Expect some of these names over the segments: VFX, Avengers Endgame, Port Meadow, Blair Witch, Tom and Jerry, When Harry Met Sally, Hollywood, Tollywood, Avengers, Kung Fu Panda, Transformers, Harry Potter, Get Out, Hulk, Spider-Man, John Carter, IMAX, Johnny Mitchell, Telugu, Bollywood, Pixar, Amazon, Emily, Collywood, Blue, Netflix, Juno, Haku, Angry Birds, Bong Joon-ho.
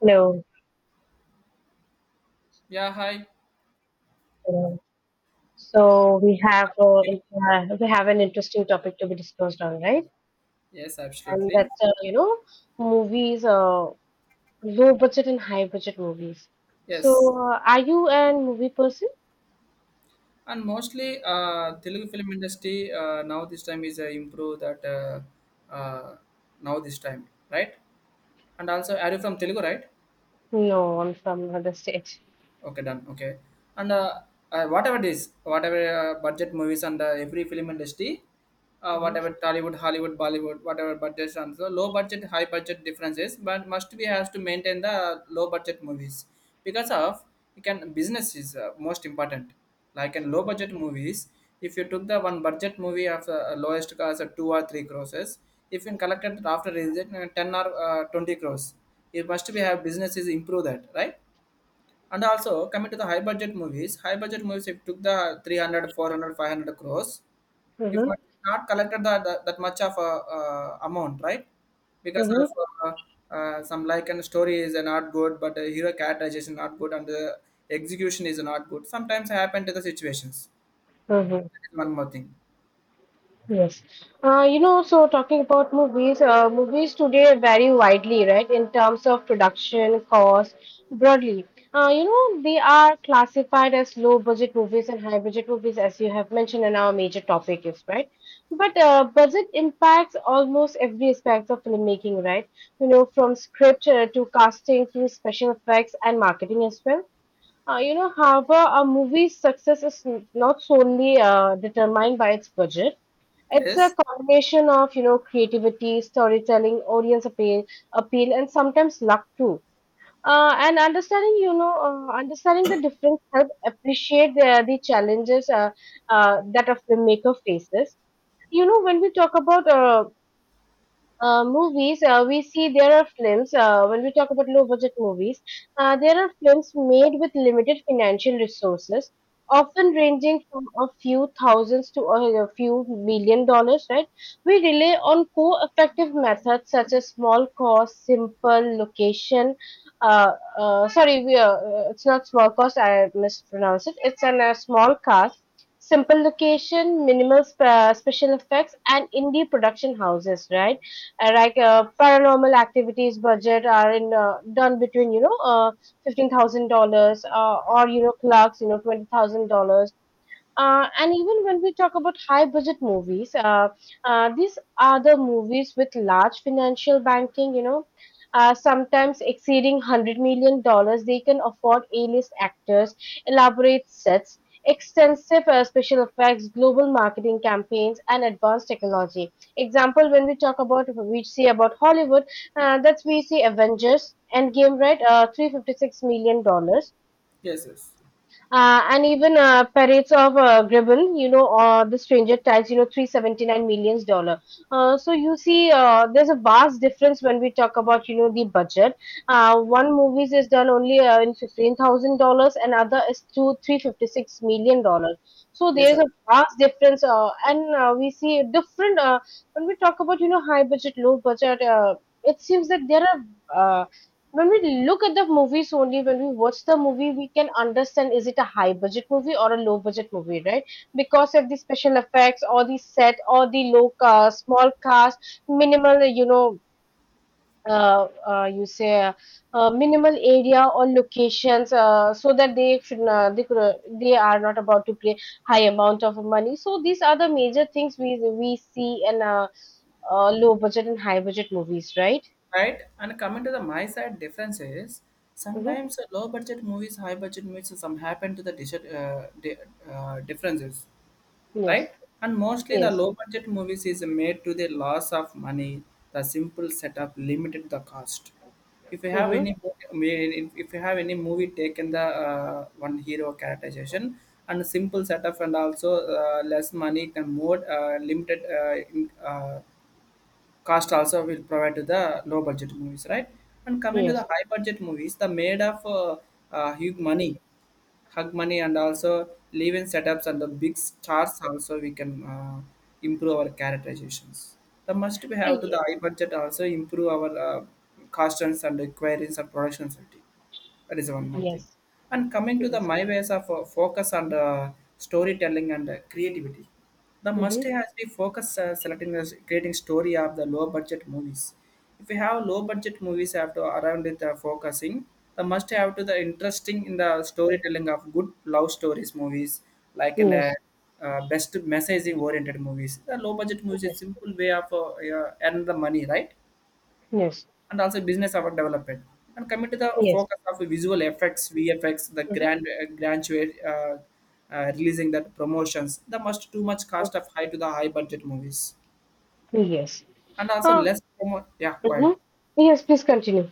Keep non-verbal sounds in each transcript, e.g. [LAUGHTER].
Hello. Yeah, hi. Hello. So we have Yeah. We have an interesting topic to be discussed on, right? Yes, And absolutely. that's movies, low budget and high budget movies. So Yes. Are you a movie person? And mostly, Telugu film industry now this time is improved that uh, Now this time, right? And also, are you from Telugu, right? No, I'm from another state. Okay, done. Okay, and whatever it is, whatever budget movies and every film industry, Mm-hmm. whatever Tollywood, Hollywood, Bollywood, whatever budgets and so low budget, high budget differences, but must be has to maintain the low budget movies because of you can business is most important. Like in low budget movies, if you took the one budget movie of lowest cost of two or three crores, if you collected after release it, ten or 20 crores, it must be have businesses improve that, right? And also coming to the high budget movies if took the 300, 400, 500 crores, if Mm-hmm. might not collected that much of a amount, right? Because of Mm-hmm. uh, some like and story is not good, but hero characterization not good, and the execution is not good. Sometimes happen to the situations. Mm-hmm. That is one more thing. Yes. So talking about movies, movies today vary widely, right, in terms of production cost broadly. They are classified as low budget movies and high budget movies, as you have mentioned, and our major topic is, right? But budget impacts almost every aspect of filmmaking, right? You know, from script to casting to special effects and marketing as well. However, a movie's success is not solely determined by its budget. It's Yes, a combination of, you know, creativity, storytelling, audience appeal, appeal, and sometimes luck too. And understanding, understanding the difference help appreciate the challenges that a filmmaker faces. You know, when we talk about movies, we see there are films, when we talk about low budget movies, there are films made with limited financial resources, often ranging from a few thousands to a few million dollars, right? We rely on co effective methods such as small cost, simple location. Uh, Sorry, it's not small cost, I mispronounced it. It's a small cast. Simple location, minimal special effects, and indie production houses, right? Paranormal activities budget are in done between $15,000 or you know clerks, you know, $20,000. And even when we talk about high budget movies, these are the movies with large financial banking, you know, sometimes exceeding 100 million dollars. They can afford A-list actors, elaborate sets, extensive special effects, global marketing campaigns, and advanced technology. Example, when we talk about, we see about Hollywood, that's we see Avengers Endgame, right? $356 million. Dollars. yes, yes. And even parades of Gribble, you know, or the stranger tax, you know, 379 millions dollar. So you see, there's a vast difference when we talk about, you know, the budget. One movies is done only in $15,000, and other is two three fifty six million dollars. So Yes, there's sir. a vast difference, and we see different when we talk about, you know, high budget, low budget. It seems that there are. Uh, when we look at the movies only, when we watch the movie, we can understand is it a high budget movie or a low budget movie, right? Because of the special effects or the set or the low small cast, minimal, you know, you say minimal area or locations, so that they could, they are not about to pay high amount of money. So these are the major things we see in low budget and high budget movies, right? Right? And coming to the my side difference is Mm-hmm. sometimes low budget movies, high budget movies, some happen to the differences, Yes. right? And mostly the Yes. low budget movies is made to the loss of money, the simple setup limited the cost. If you have Mm-hmm. any, if you have any movie taken the one hero characterization and simple setup and also less money and more limited cost also will provide to the low budget movies, right? And coming to Yes. the high budget movies the made of huge money, hug money and also live-in setups and the big stars also we can improve our characterizations. The must we Ah, have to the yes, high budget also improve our costumes and queries and production safety. That is one more thing. yes, And coming to the yes, my ways of focus on the storytelling and creativity. The must mhm, has to focus selecting the creating story of the low budget movies. If we have low budget movies have to around with focusing, the must have to the interesting in the storytelling of good love stories movies like in a yes, best messaging oriented movies. The low budget movies is yes, simple way of earn the money, right? yes, And also business our development. And coming to the yes, focus of visual effects, VFX, the mhm, grand graduate releasing that promotions, the must too much cost of high to the high budget movies mhm, yes. and also Ah, less promo. Yeah, go ahead. mhm. Yes, please continue.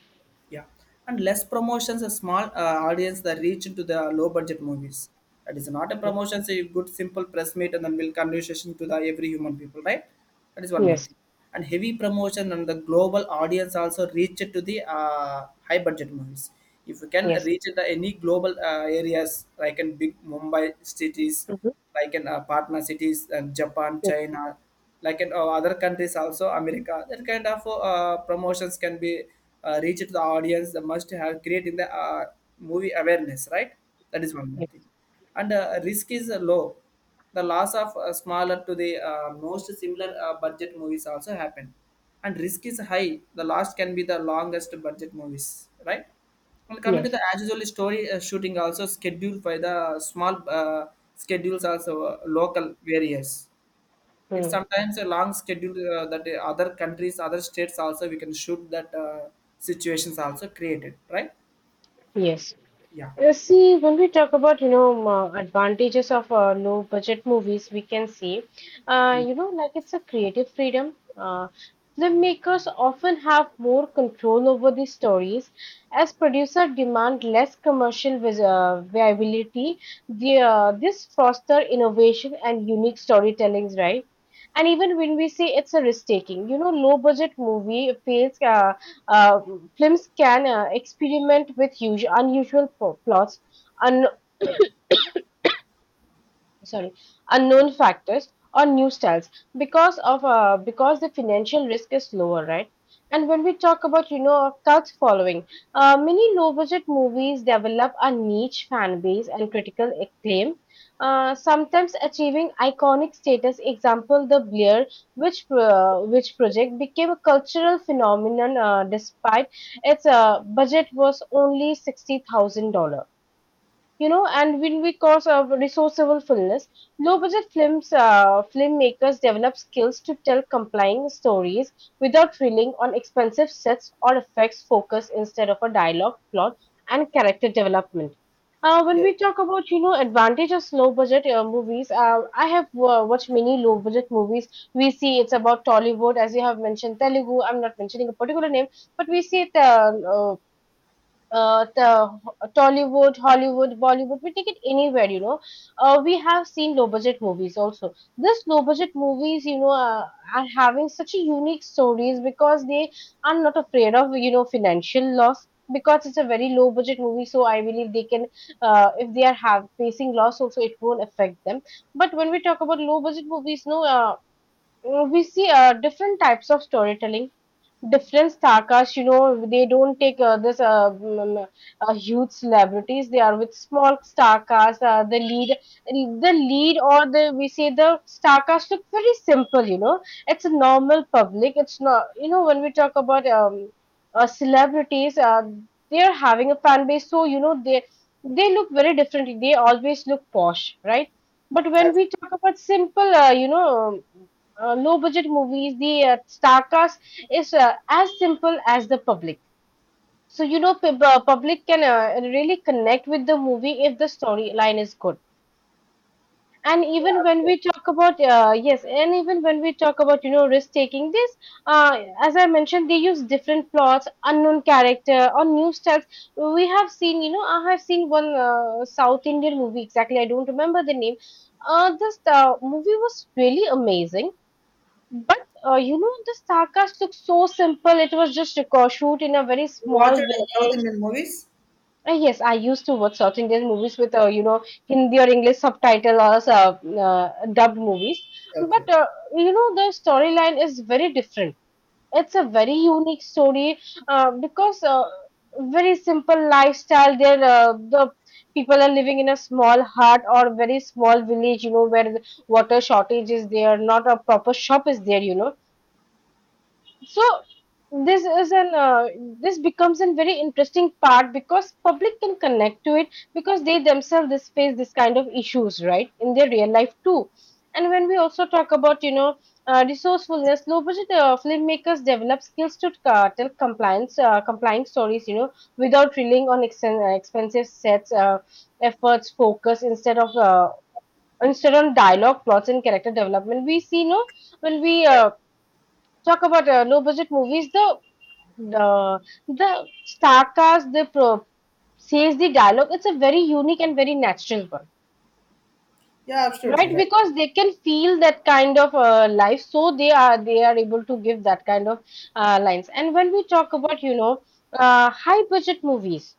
Yeah, and less promotions, a small audience that reach into the low budget movies. That is not a promotion, so you good simple press meet and then will conversation to the every human people, right? That is one more Yes, thing. And heavy promotion and the global audience also reach it to the high budget movies. If you can yes, reach it to any global areas like in big Mumbai cities, mhm, like in partner cities and Japan, yes, China, like in other countries also, America. That kind of promotions can be reached to the audience. The must have creating the movie awareness, right? That is one more thing. yes, And risk is low. The loss of smaller to the most similar budget movies also happen. And risk is high. The last can be the longest budget movies, right? And coming to yes, the as usual story shooting also scheduled by the small schedules also local various. It's mm, sometimes a long schedule that the other countries, other states also we can shoot that situations also created, right? yes. Yeah. See, when we talk about, you know, advantages of low budget movies, we can see, Mm, you know, like it's a creative freedom. Filmmakers often have more control over the stories as producers demand less commercial viability. This foster innovation and unique storytellings, right? And even when we say it's a risk taking, you know, low budget movie fails. Uh, Films can experiment with unusual plots, sorry, okay. unknown factors or new styles because of because the financial risk is lower, right? And when we talk about, you know, cult following, many low budget movies develop a niche fan base and critical acclaim, sometimes achieving iconic status, example the Blair, which project became a cultural phenomenon, despite its budget was only $60,000, you know. And when we cause a resourceful fullness, low budget films, filmmakers develop skills to tell compelling stories without relying on expensive sets or effects, focus instead of a dialogue, plot, and character development. When Yes. we talk about, you know, advantage of low budget movies, I have watched many low budget movies. We see it's about Tollywood, as you have mentioned, Telugu. I'm not mentioning a particular name, but we see the uh, the Tollywood, Hollywood, Bollywood, we take it anywhere, you know. We have seen low budget movies also. This low budget movies, you know, are having such a unique stories because they are not afraid of, you know, financial loss. Because it's a very low budget movie, so I believe they can, if they are have facing loss, also it won't affect them. But when we talk about low budget movies, no, we see different types of storytelling, different starcasts, you know, they don't take huge celebrities. They are with small starcasts. The lead, or the we say the starcast look very simple. You know, it's a normal public. It's not, you know, when we talk about celebrities, they are having a fan base. So you know, they look very differently. They always look posh, right? But when Have we talk about simple, low budget movies, the star cast is as simple as the public. So you know, public can really connect with the movie if the storyline is good. And even when we talk about yes, and even when we talk about you know risk taking, this as I mentioned, they use different plots, unknown character, or new styles. We have seen, you know, I have seen one South Indian movie exactly. I don't remember the name. This movie was really amazing, but you know, the Starcast looked so simple. It was just a record shoot in a very you watched small way. South Indian movies? Yes, I used to watch South Indian movies with, you know, Hindi or English subtitle or dubbed movies. But, Okay. You know, the storyline is very different. It's a very unique story, because very simple lifestyle. There, the people are living in a small hut or very small village, you know, where the water shortage is there, not a proper shop is there, you know. So this is an this becomes a very interesting part because public can connect to it, because they themselves this face this kind of issues right in their real life too. And when we also talk about, you know, resourcefulness, low budget filmmakers develop skills to tell compliance, complying stories, you know, without relying on expensive sets, efforts, focus instead of instead on dialogue, plots, and character development. We see, you know, when we talk about low budget movies. Uh, the star cast they says the dialogue. It's a very unique and very natural one, Yeah, absolutely right? right. Because they can feel that kind of life, so they are able to give that kind of lines. And when we talk about, you know, high budget movies,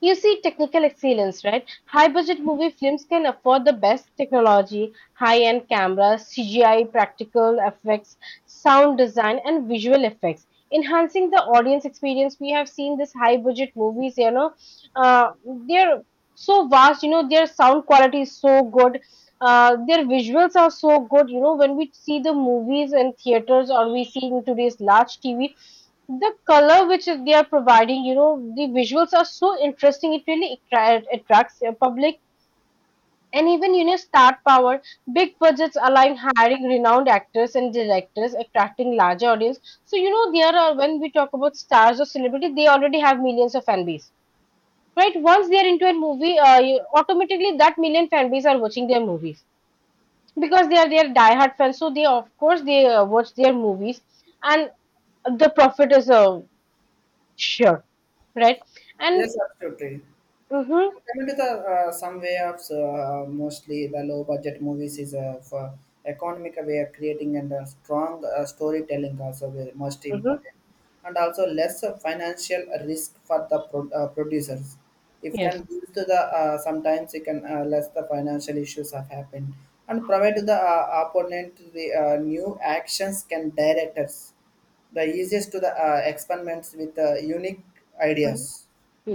you see technical excellence, right? High budget movie films can afford the best technology, high end cameras, CGI, practical effects, sound design, and visual effects. Enhancing the audience experience, we have seen this high budget movies, you know, uh, they're so vast, you know, their sound quality is so good. Their visuals are so good, you know. When we see the movies in theaters or we see in today's large TV, the color they are providing, you know, the visuals are so interesting. It really attracts the public. And even, you know, star power, big budgets allowing hiring renowned actors and directors, attracting larger audience. So, you know, there are, when we talk about stars or celebrity, they already have millions of fan base, right? Once they are into a movie, automatically that million fan base are watching their movies because they are their diehard fans. So they, of course, they watch their movies and the profit is sure. Right? And Yes, absolutely. hmm. Coming to the some way of mostly the low budget movies is for economic way of creating and a strong storytelling also very most Hmm. important and also less of financial risk for the producers. If Yes, can boost to the sometimes it can less the financial issues have happened and provide to the opponent the new actions can directors the easiest to the experiments with unique mhm, ideas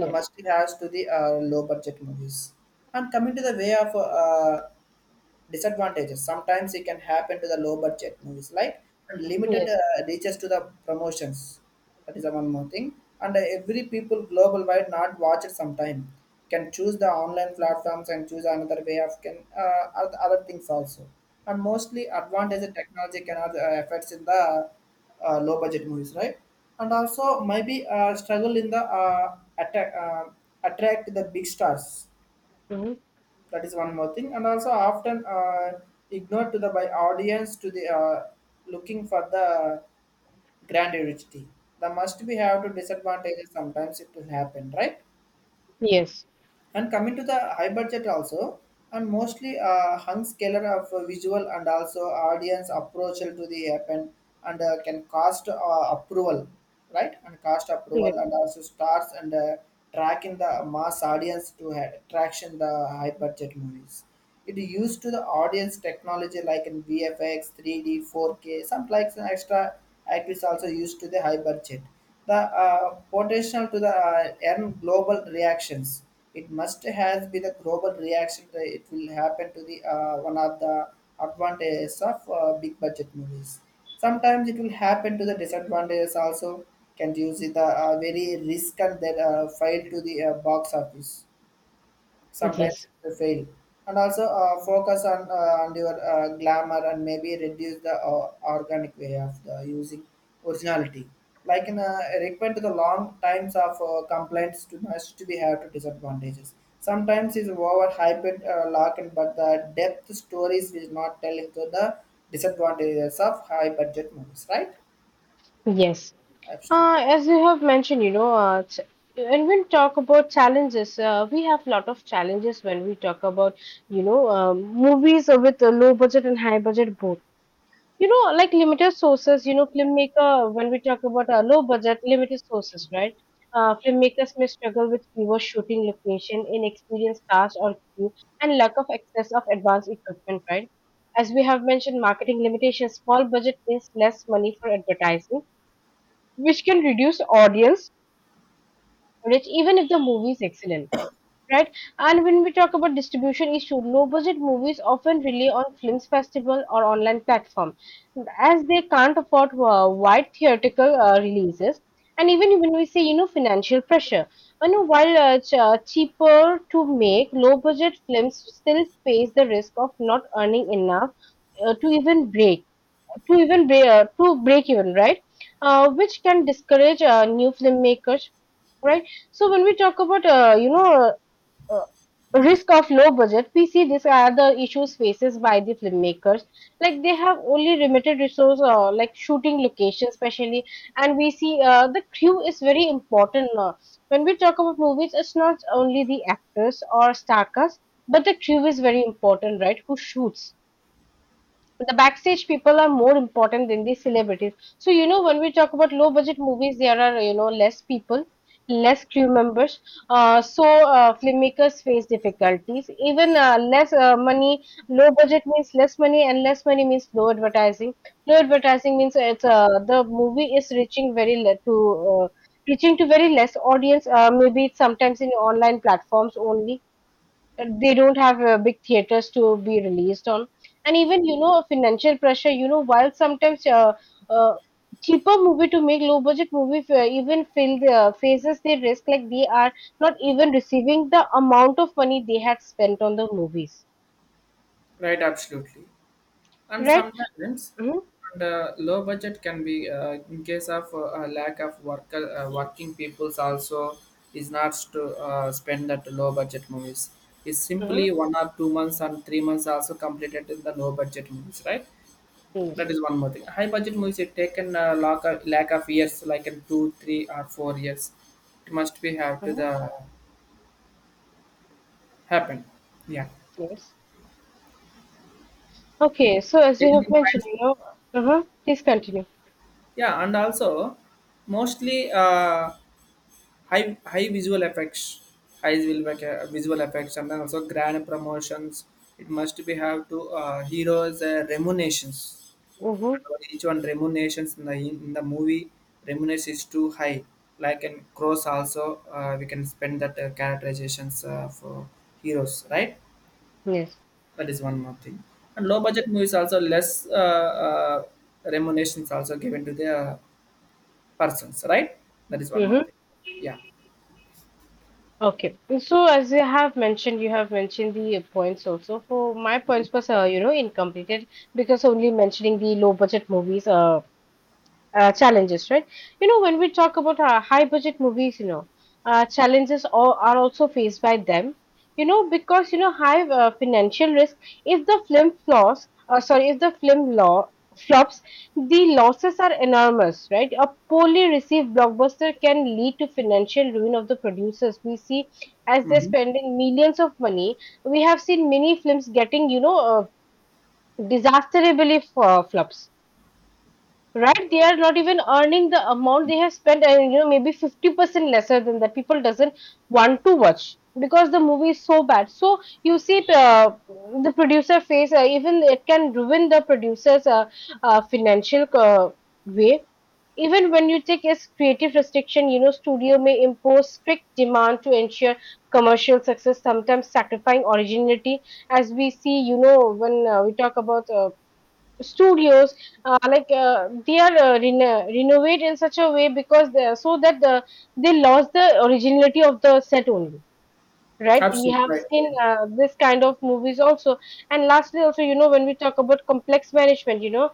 the must has to the low budget movies. And coming to the way of disadvantages. Sometimes it can happen to the low budget movies like and limited yes, reaches to the promotions. That is the one more thing. And every people global wide not watch it sometime. Can choose the online platforms and choose another way of can other things also. And mostly advantage of technology cannot affects in the low budget movies, right? And also maybe struggle in the attract the big stars, hmm, that is one more thing and also often ignored to the by audience to the looking for the grandiosity, the must be have to disadvantages sometimes it will happen, right? yes, And coming to the high budget also and mostly hung scalar of visual and also audience approach to the happen and can cost approval, right? And cost approval yes, and also stars and tracking the mass audience to attraction the high budget movies. It used to the audience technology like in VFX, 3D, 4K, some likes and extra actors also used to the high budget. The potential to the earn global reactions. It must has been a global reaction that it will happen to the one of the advantages of big budget movies. Sometimes it will happen to the disadvantages also. Can use the very risk and then file to the box office, sometimes yes, it will fail and also focus on your glamour and maybe reduce the organic way of the using originality like in require to the long times of complaints to must be have to disadvantages, sometimes is over hyped lock but the depth stories will not tell into the disadvantages of high budget movies, right? yes. Absolutely. As you have mentioned, you know, when we talk about challenges, we have lot of challenges when we talk about, you know, movies with a low budget and high budget both. You know, like limited sources, you know, filmmaker, when we talk about a low budget, limited sources, right? Filmmakers may struggle with fewer shooting location, inexperienced cast or crew, and lack of access of advanced equipment, right? As we have mentioned, marketing limitations, small budget means less money for advertising, which can reduce audience reach even if the movie is excellent, right? And when we talk about distribution issue, low-budget movies often rely on films festival or online platform, as they can't afford wide theatrical releases. And even when we say, you know, financial pressure, you know, while cheaper to make, low-budget films still face the risk of not earning enough to even to break even, right? Which can discourage new filmmakers, right? So when we talk about uh, risk of low budget, we see these are the issues faces by the filmmakers, like they have only limited resource, like shooting location especially. And we see the crew is very important when we talk about movies. It's not only the actors or star cast, but the crew is very important, right? Who shoots, the backstage people are more important than the celebrities. So, you know, when we talk about low budget movies, there are, you know, less people, less crew members. So filmmakers face difficulties. Even less money, low budget means less money, and less money means low advertising. Low advertising means it's the movie is reaching very le- to. Reaching to very less audience, maybe it's sometimes in online platforms only, they don't have big theaters to be released on. And even, you know, financial pressure, you know, while sometimes uh, cheaper movie to make, low budget movie even feel the faces they risk, like they are not even receiving the amount of money they had spent on the movies, Right, absolutely. And right. sometimes Mm-hmm. and low budget can be in case of a lack of worker working peoples also is not to spend that low budget movies is simply Mm-hmm. 1 or 2 months and 3 months also completed in the low budget movies, right? Yes. That is one more thing. High budget movies it taken lack of years like in 2 3 or 4 years it must be have to the Mm-hmm. happen. Yeah, Yes. Okay, so as you have anything mentioned, finds. you know. Uh-huh. Please continue. Yeah, and also mostly high high visual effects, visual effects, and then also grand promotions. It must be have to heroes remunerations. Mm-hmm. Each one remunerations in the movie remuneration is too high. Like in Cross also, we can spend that characterizations for heroes, right? Yes. That is one more thing. And low budget movies also less remunerations also given to the persons, right? That is one more Mm-hmm. thing. Yeah. Okay, so as you have mentioned the points also. For my points was, you know, incomplete because only mentioning the low budget movies. Uh, challenges, right? You know, when we talk about high budget movies, you know, challenges all, are also faced by them. You know, because you know high financial risk. If the film flaws, sorry, if the film law flops, the losses are enormous, right? A poorly received blockbuster can lead to financial ruin of the producers. We see as they're Mm-hmm. spending millions of money. We have seen many films getting, you know, disasterably flops, right? They are not even earning the amount they have spent, and you know, maybe 50% lesser than that, people doesn't want to watch because the movie is so bad. So you see it, the producer face even it can ruin the producer's financial way. Even when you take as creative restriction, you know, studio may impose strict demand to ensure commercial success, sometimes sacrificing originality. As we see, you know, when we talk about studios, they are renovate in such a way because they are, so that the, they lost the originality of the set only, right? We Absolutely have right, seen right. This kind of movies also. And lastly also, you know, when we talk about complex management, you know,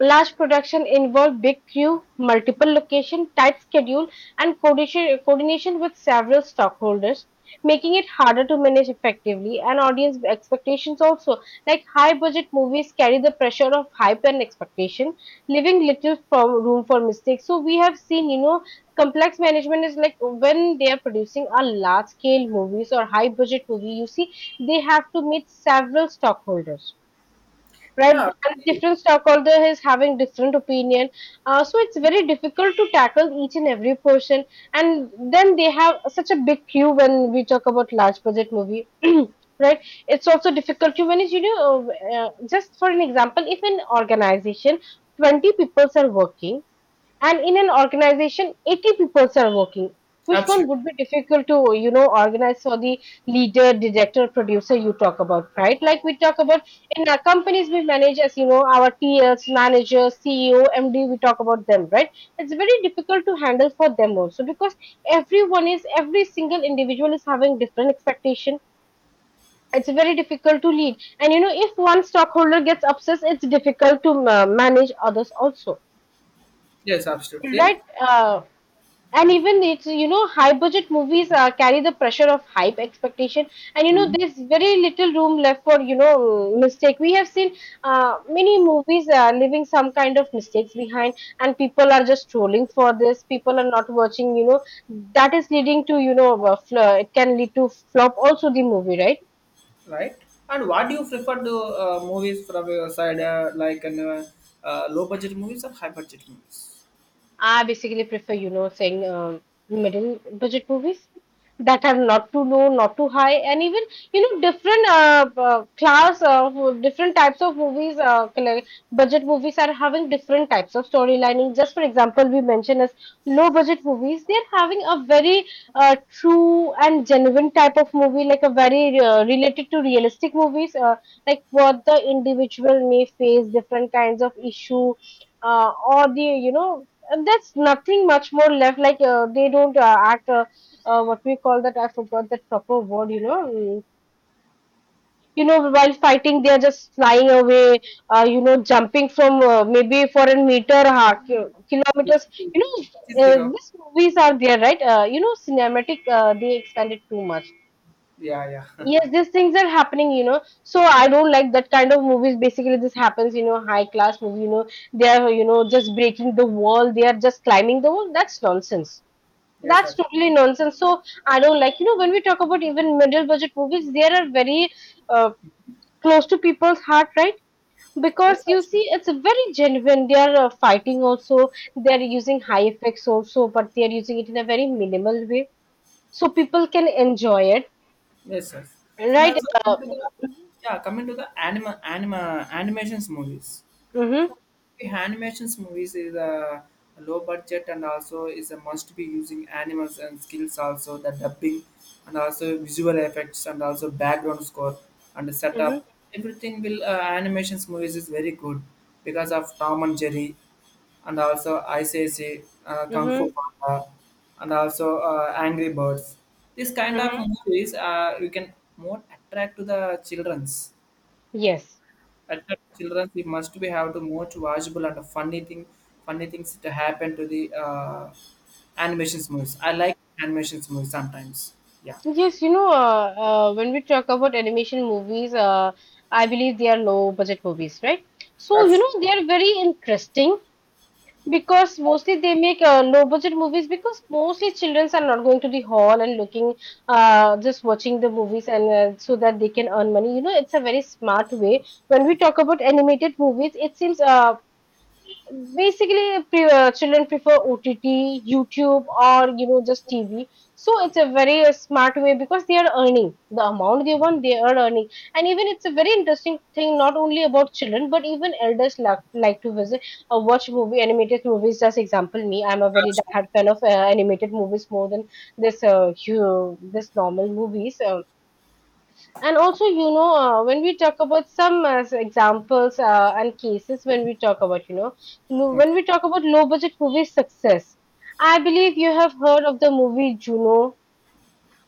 large production involve big crew, multiple location, tight schedule, and coordination with several stockholders, making it harder to manage effectively, and audience expectations also. Like high-budget movies carry the pressure of hype and expectation, leaving little for room for mistakes. So we have seen, you know, complex management is like when they are producing a large-scale movies or high-budget movie, you see, they have to meet several stockholders, right? Yeah, And see, different stockholder is having different opinion, so it's very difficult to tackle each and every portion. And then they have such a big queue when we talk about large budget movie. [CLEARS THROAT] Right, it's also difficult to manage. You know, just for an example, if an organization 20 people are working, and in an organization 80 people are working, which one absolutely. would be difficult to, you know, organize for the leader, director, producer, you talk about, right? Like we talk about in our companies, we manage, as you know, our TLs, managers, CEO, MD. We talk about them, right? It's very difficult to handle for them also because everyone is every single individual is having different expectation. It's very difficult to lead, and you know, if one stockholder gets upset, it's difficult to manage others also, Yes, absolutely. right. And even it's, you know, high budget movies carry the pressure of hype expectation, and you know, Mhm. there's very little room left for, you know, mistake. We have seen many movies leaving some kind of mistakes behind, and people are just trolling for this, people are not watching, you know, that is leading to, you know, it can lead to flop also the movie, right? Right. And what do you prefer to movies from your side, low budget movies or high budget movies? I basically prefer, you know, saying middle budget movies, that are not too low, not too high, and even, you know, different class of different types of movies. Budget movies are having different types of storylining. Just for example, we mentioned as low budget movies, they are having a very true and genuine type of movie, like a very related to realistic movies, like what the individual may face, different kinds of issue or the, you know, and that's nothing much more left. Like they don't act. Uh, what we call that? I forgot that proper word. You know. Mm. You know, while fighting, they are just flying away. You know, jumping from, maybe for a meter, ha, kilometers. Which You is know, zero. these movies are there, right? You know, cinematic. They expanded too much. Yeah, yeah. [LAUGHS] Yes, these things are happening, you know. So I don't like that kind of movies. Basically, this happens, you know, high class movie, you know, they are, you know, just breaking the wall, they are just climbing the wall. That's nonsense. Yes, That's sir. totally nonsense. So I don't like, you know, when we talk about even middle budget movies, they are very uh, close to people's heart, right? Yes, Because you absolutely. see, it's very genuine. They are fighting also. They are using high effects also, but they are using it in a very minimal way, so people can enjoy it, Yes, sir. And right? also, coming Uh, to the, yeah, coming to the animations movies. mm-hmm. The animations movies is a low budget and also is a must be using animals and skills also the dubbing and also visual effects and also background score and the setup, Mm-hmm. everything will animations movies is very good because of Tom and Jerry and also ICC Kung Fu Mm-hmm. Panda and also Angry Birds. This kind of Mm-hmm. movies you can more attract to the childrens Yes. at the children, we must be have the most watchable and funny thing, funny things to happen to the animations movies. I like animations movies sometimes. Yeah, Yes, you know, when we talk about animation movies, I believe they are low budget movies, right? So, you Abs- know, they are very interesting because mostly they make low budget movies because mostly childrens are not going to the hall and looking, just watching the movies, and so that they can earn money. You know, it's a very smart way. When we talk about animated movies, it seems, children prefer OTT, YouTube, or you know, just TV. So it's a very smart way because they are earning the amount they want. They are earning, and even it's a very interesting thing. Not only about children, but even elders like to visit or watch movie animated movies. Just example, me, I'm a very abs- hard fan of animated movies more than this this normal movies. And also, you know, when we talk about some examples and cases, when we talk about, you know, when okay, we talk about low budget movie success, I believe you have heard of the movie Juno.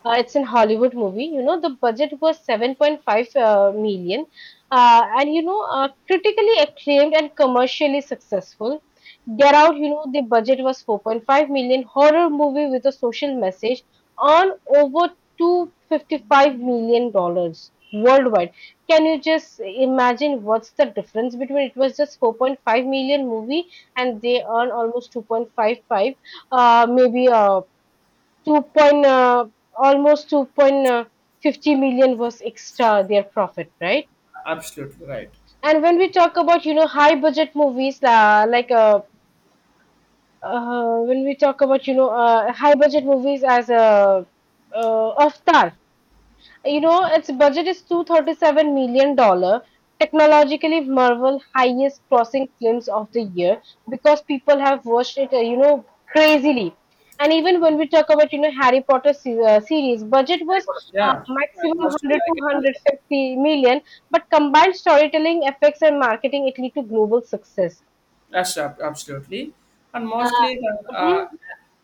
It's an Hollywood movie. You know, the budget was 7.5 million, and you know, critically acclaimed and commercially successful. Get Out, you know, the budget was 4.5 million. Horror movie with a social message on over 255 million dollars worldwide. Can you just imagine what's the difference? Between it was just 4.5 million movie and they earn almost 2.55, maybe two point almost 2.50 million was extra their profit, right? absolutely right. And when we talk about, you know, high budget movies when we talk about, you know, high budget movies as a Avatar. You know, its budget is 237 million dollars. Technologically, Marvel highest crossing films of the year because people have watched it, you know, crazily. And even when we talk about, you know, Harry Potter series, budget Harry was Potter, yeah, I maximum must be 100 to like an Harry Potter. 150 million, but combined storytelling, effects, and marketing, it lead to global success. Yes, absolutely. And mostly the Hmm.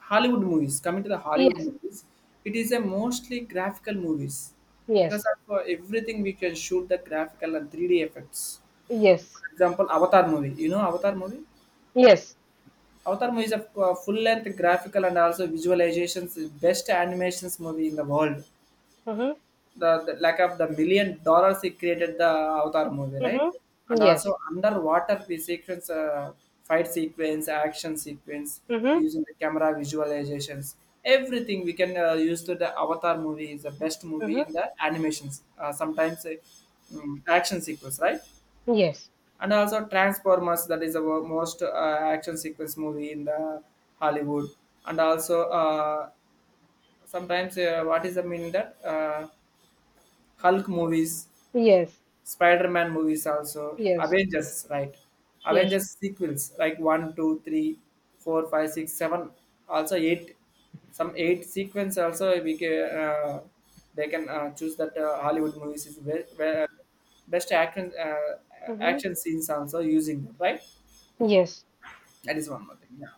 Hollywood movies. Coming to the Hollywood Yes, movies, it is a mostly graphical movies because yes, of everything we can shoot the graphical and 3D effects. yes, Example, Avatar movie. You know Avatar movie? yes. Avatar movie is a full-length graphical and also visualizations best animations movie in the world. Mm-hmm, The lack of the $1 million he created the Avatar movie, right? mm-hmm, And yes, also underwater the sequence, fight sequence, action sequence mm-hmm, using the camera visualizations. Everything we can use to the Avatar movie is the best movie mm-hmm, in the animations. Action sequence, right? yes, And also Transformers, that is the most action sequence movie in the Hollywood. And also sometimes what is the meaning that Hulk movies, yes. Spider-Man movies also, Yes. Avengers, right? Yes. Avengers sequels like one, two, three, four, five, six, seven, also 8, some eight sequence also we can they can choose that Hollywood movies is very, very best action Mm-hmm. action scenes also using them, right? Yes. That is one more thing. Yeah.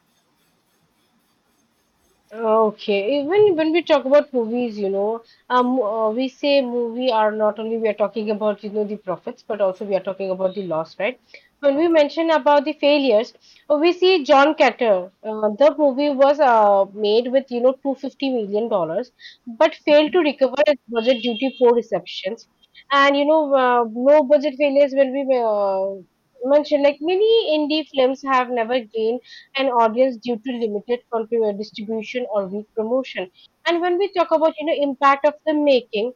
Okay. Even when we talk about movies, you know, we say movie are not only we are talking about, you know, the profits, but also we are talking about the loss, right? When we Okay. mention about the failures, we see John Carter. The movie was made with, you know, $250 million, dollars, but failed to recover its budget due to poor receptions. And, you know, no budget failures when we mention, like many indie films have never gained an audience due to limited country distribution or weak promotion. And when we talk about, you know, impact of the making,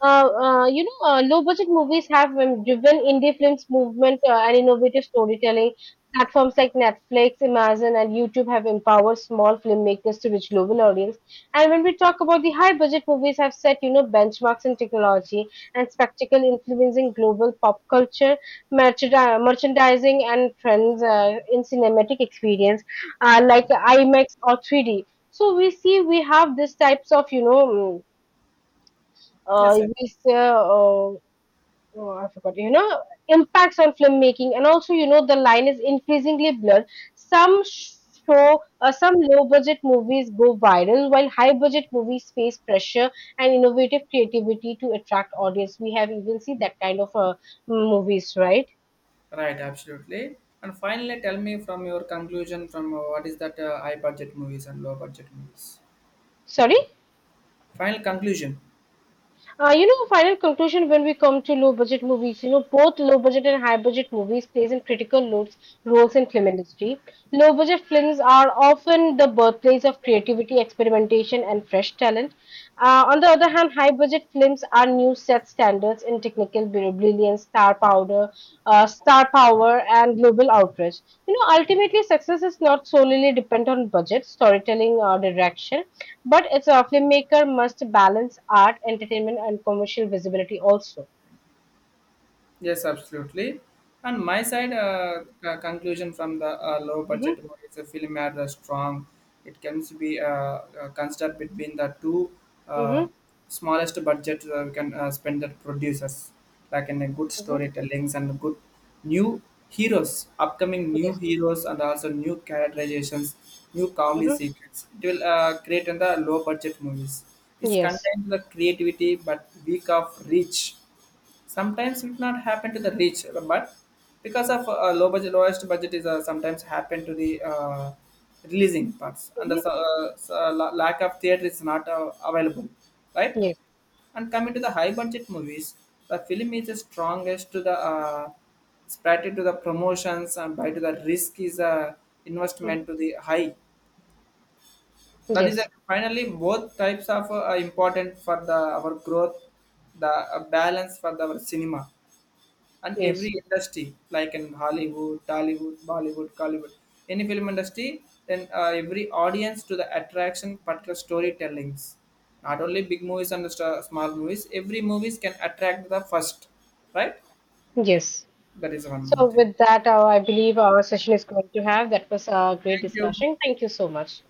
you know, low budget movies have driven indie films movement and innovative storytelling. Platforms like Netflix, Amazon, and YouTube have empowered small filmmakers to reach global audience. And when we talk about the high budget movies, have set, you know, benchmarks in technology and spectacle, influencing global pop culture, merchandising, and trends in cinematic experience, like IMAX or 3D. So we see we have these types of, you know, Yes, sir. we say, oh, I forgot, you know, impacts on filmmaking, and also, you know, the line is increasingly blurred. Some sh- some low budget movies go viral, while high budget movies face pressure and innovative creativity to attract audience. We have even seen that kind of movies, right? Right. Absolutely. And finally, tell me from your conclusion from what is that high budget movies and low budget movies. Sorry? Final conclusion. You know, final conclusion when we come to low budget movies, you know, both low budget and high budget movies plays in critical roles, roles in film industry. Low budget films are often the birthplace of creativity, experimentation, and fresh talent. On the other hand, high budget films are new set standards in technical brilliance, star power, and global outreach. You know, ultimately, success is not solely dependent on budget, storytelling, or direction, but it's a filmmaker must balance art, entertainment, and commercial visibility also. Yes, absolutely. And my side, conclusion from the low budget Hmm. movies, a film had a strong. It can be considered between the two uh, Hmm. smallest budget we can spend that producers, like in a good Hmm. storytellings and good new heroes, upcoming new Yes. heroes and also new characterizations, new comedy Hmm. secrets. It will create in the low budget movies. It's Yes. contains the creativity but weak of reach, sometimes it not happen to the rich but because of low budget lowest budget is sometimes happen to the releasing parts and the Hmm. Lack of theater is not available, right? Yes. And coming to the high budget movies the film is the strongest to the spread to the promotions and by to the risk is investment Hmm. to the high, that is Yes, finally both types of are important for the our growth, the balance for the our cinema and yes, every industry like in Hollywood, Tollywood, Bollywood, Collywood, any film industry then every audience to the attraction particular storytellings, not only big movies and small movies, every movies can attract the first, right? yes. That is one more So, thing. with that, I believe our session is going to have. That was a great Thank you. discussion. Thank you so much.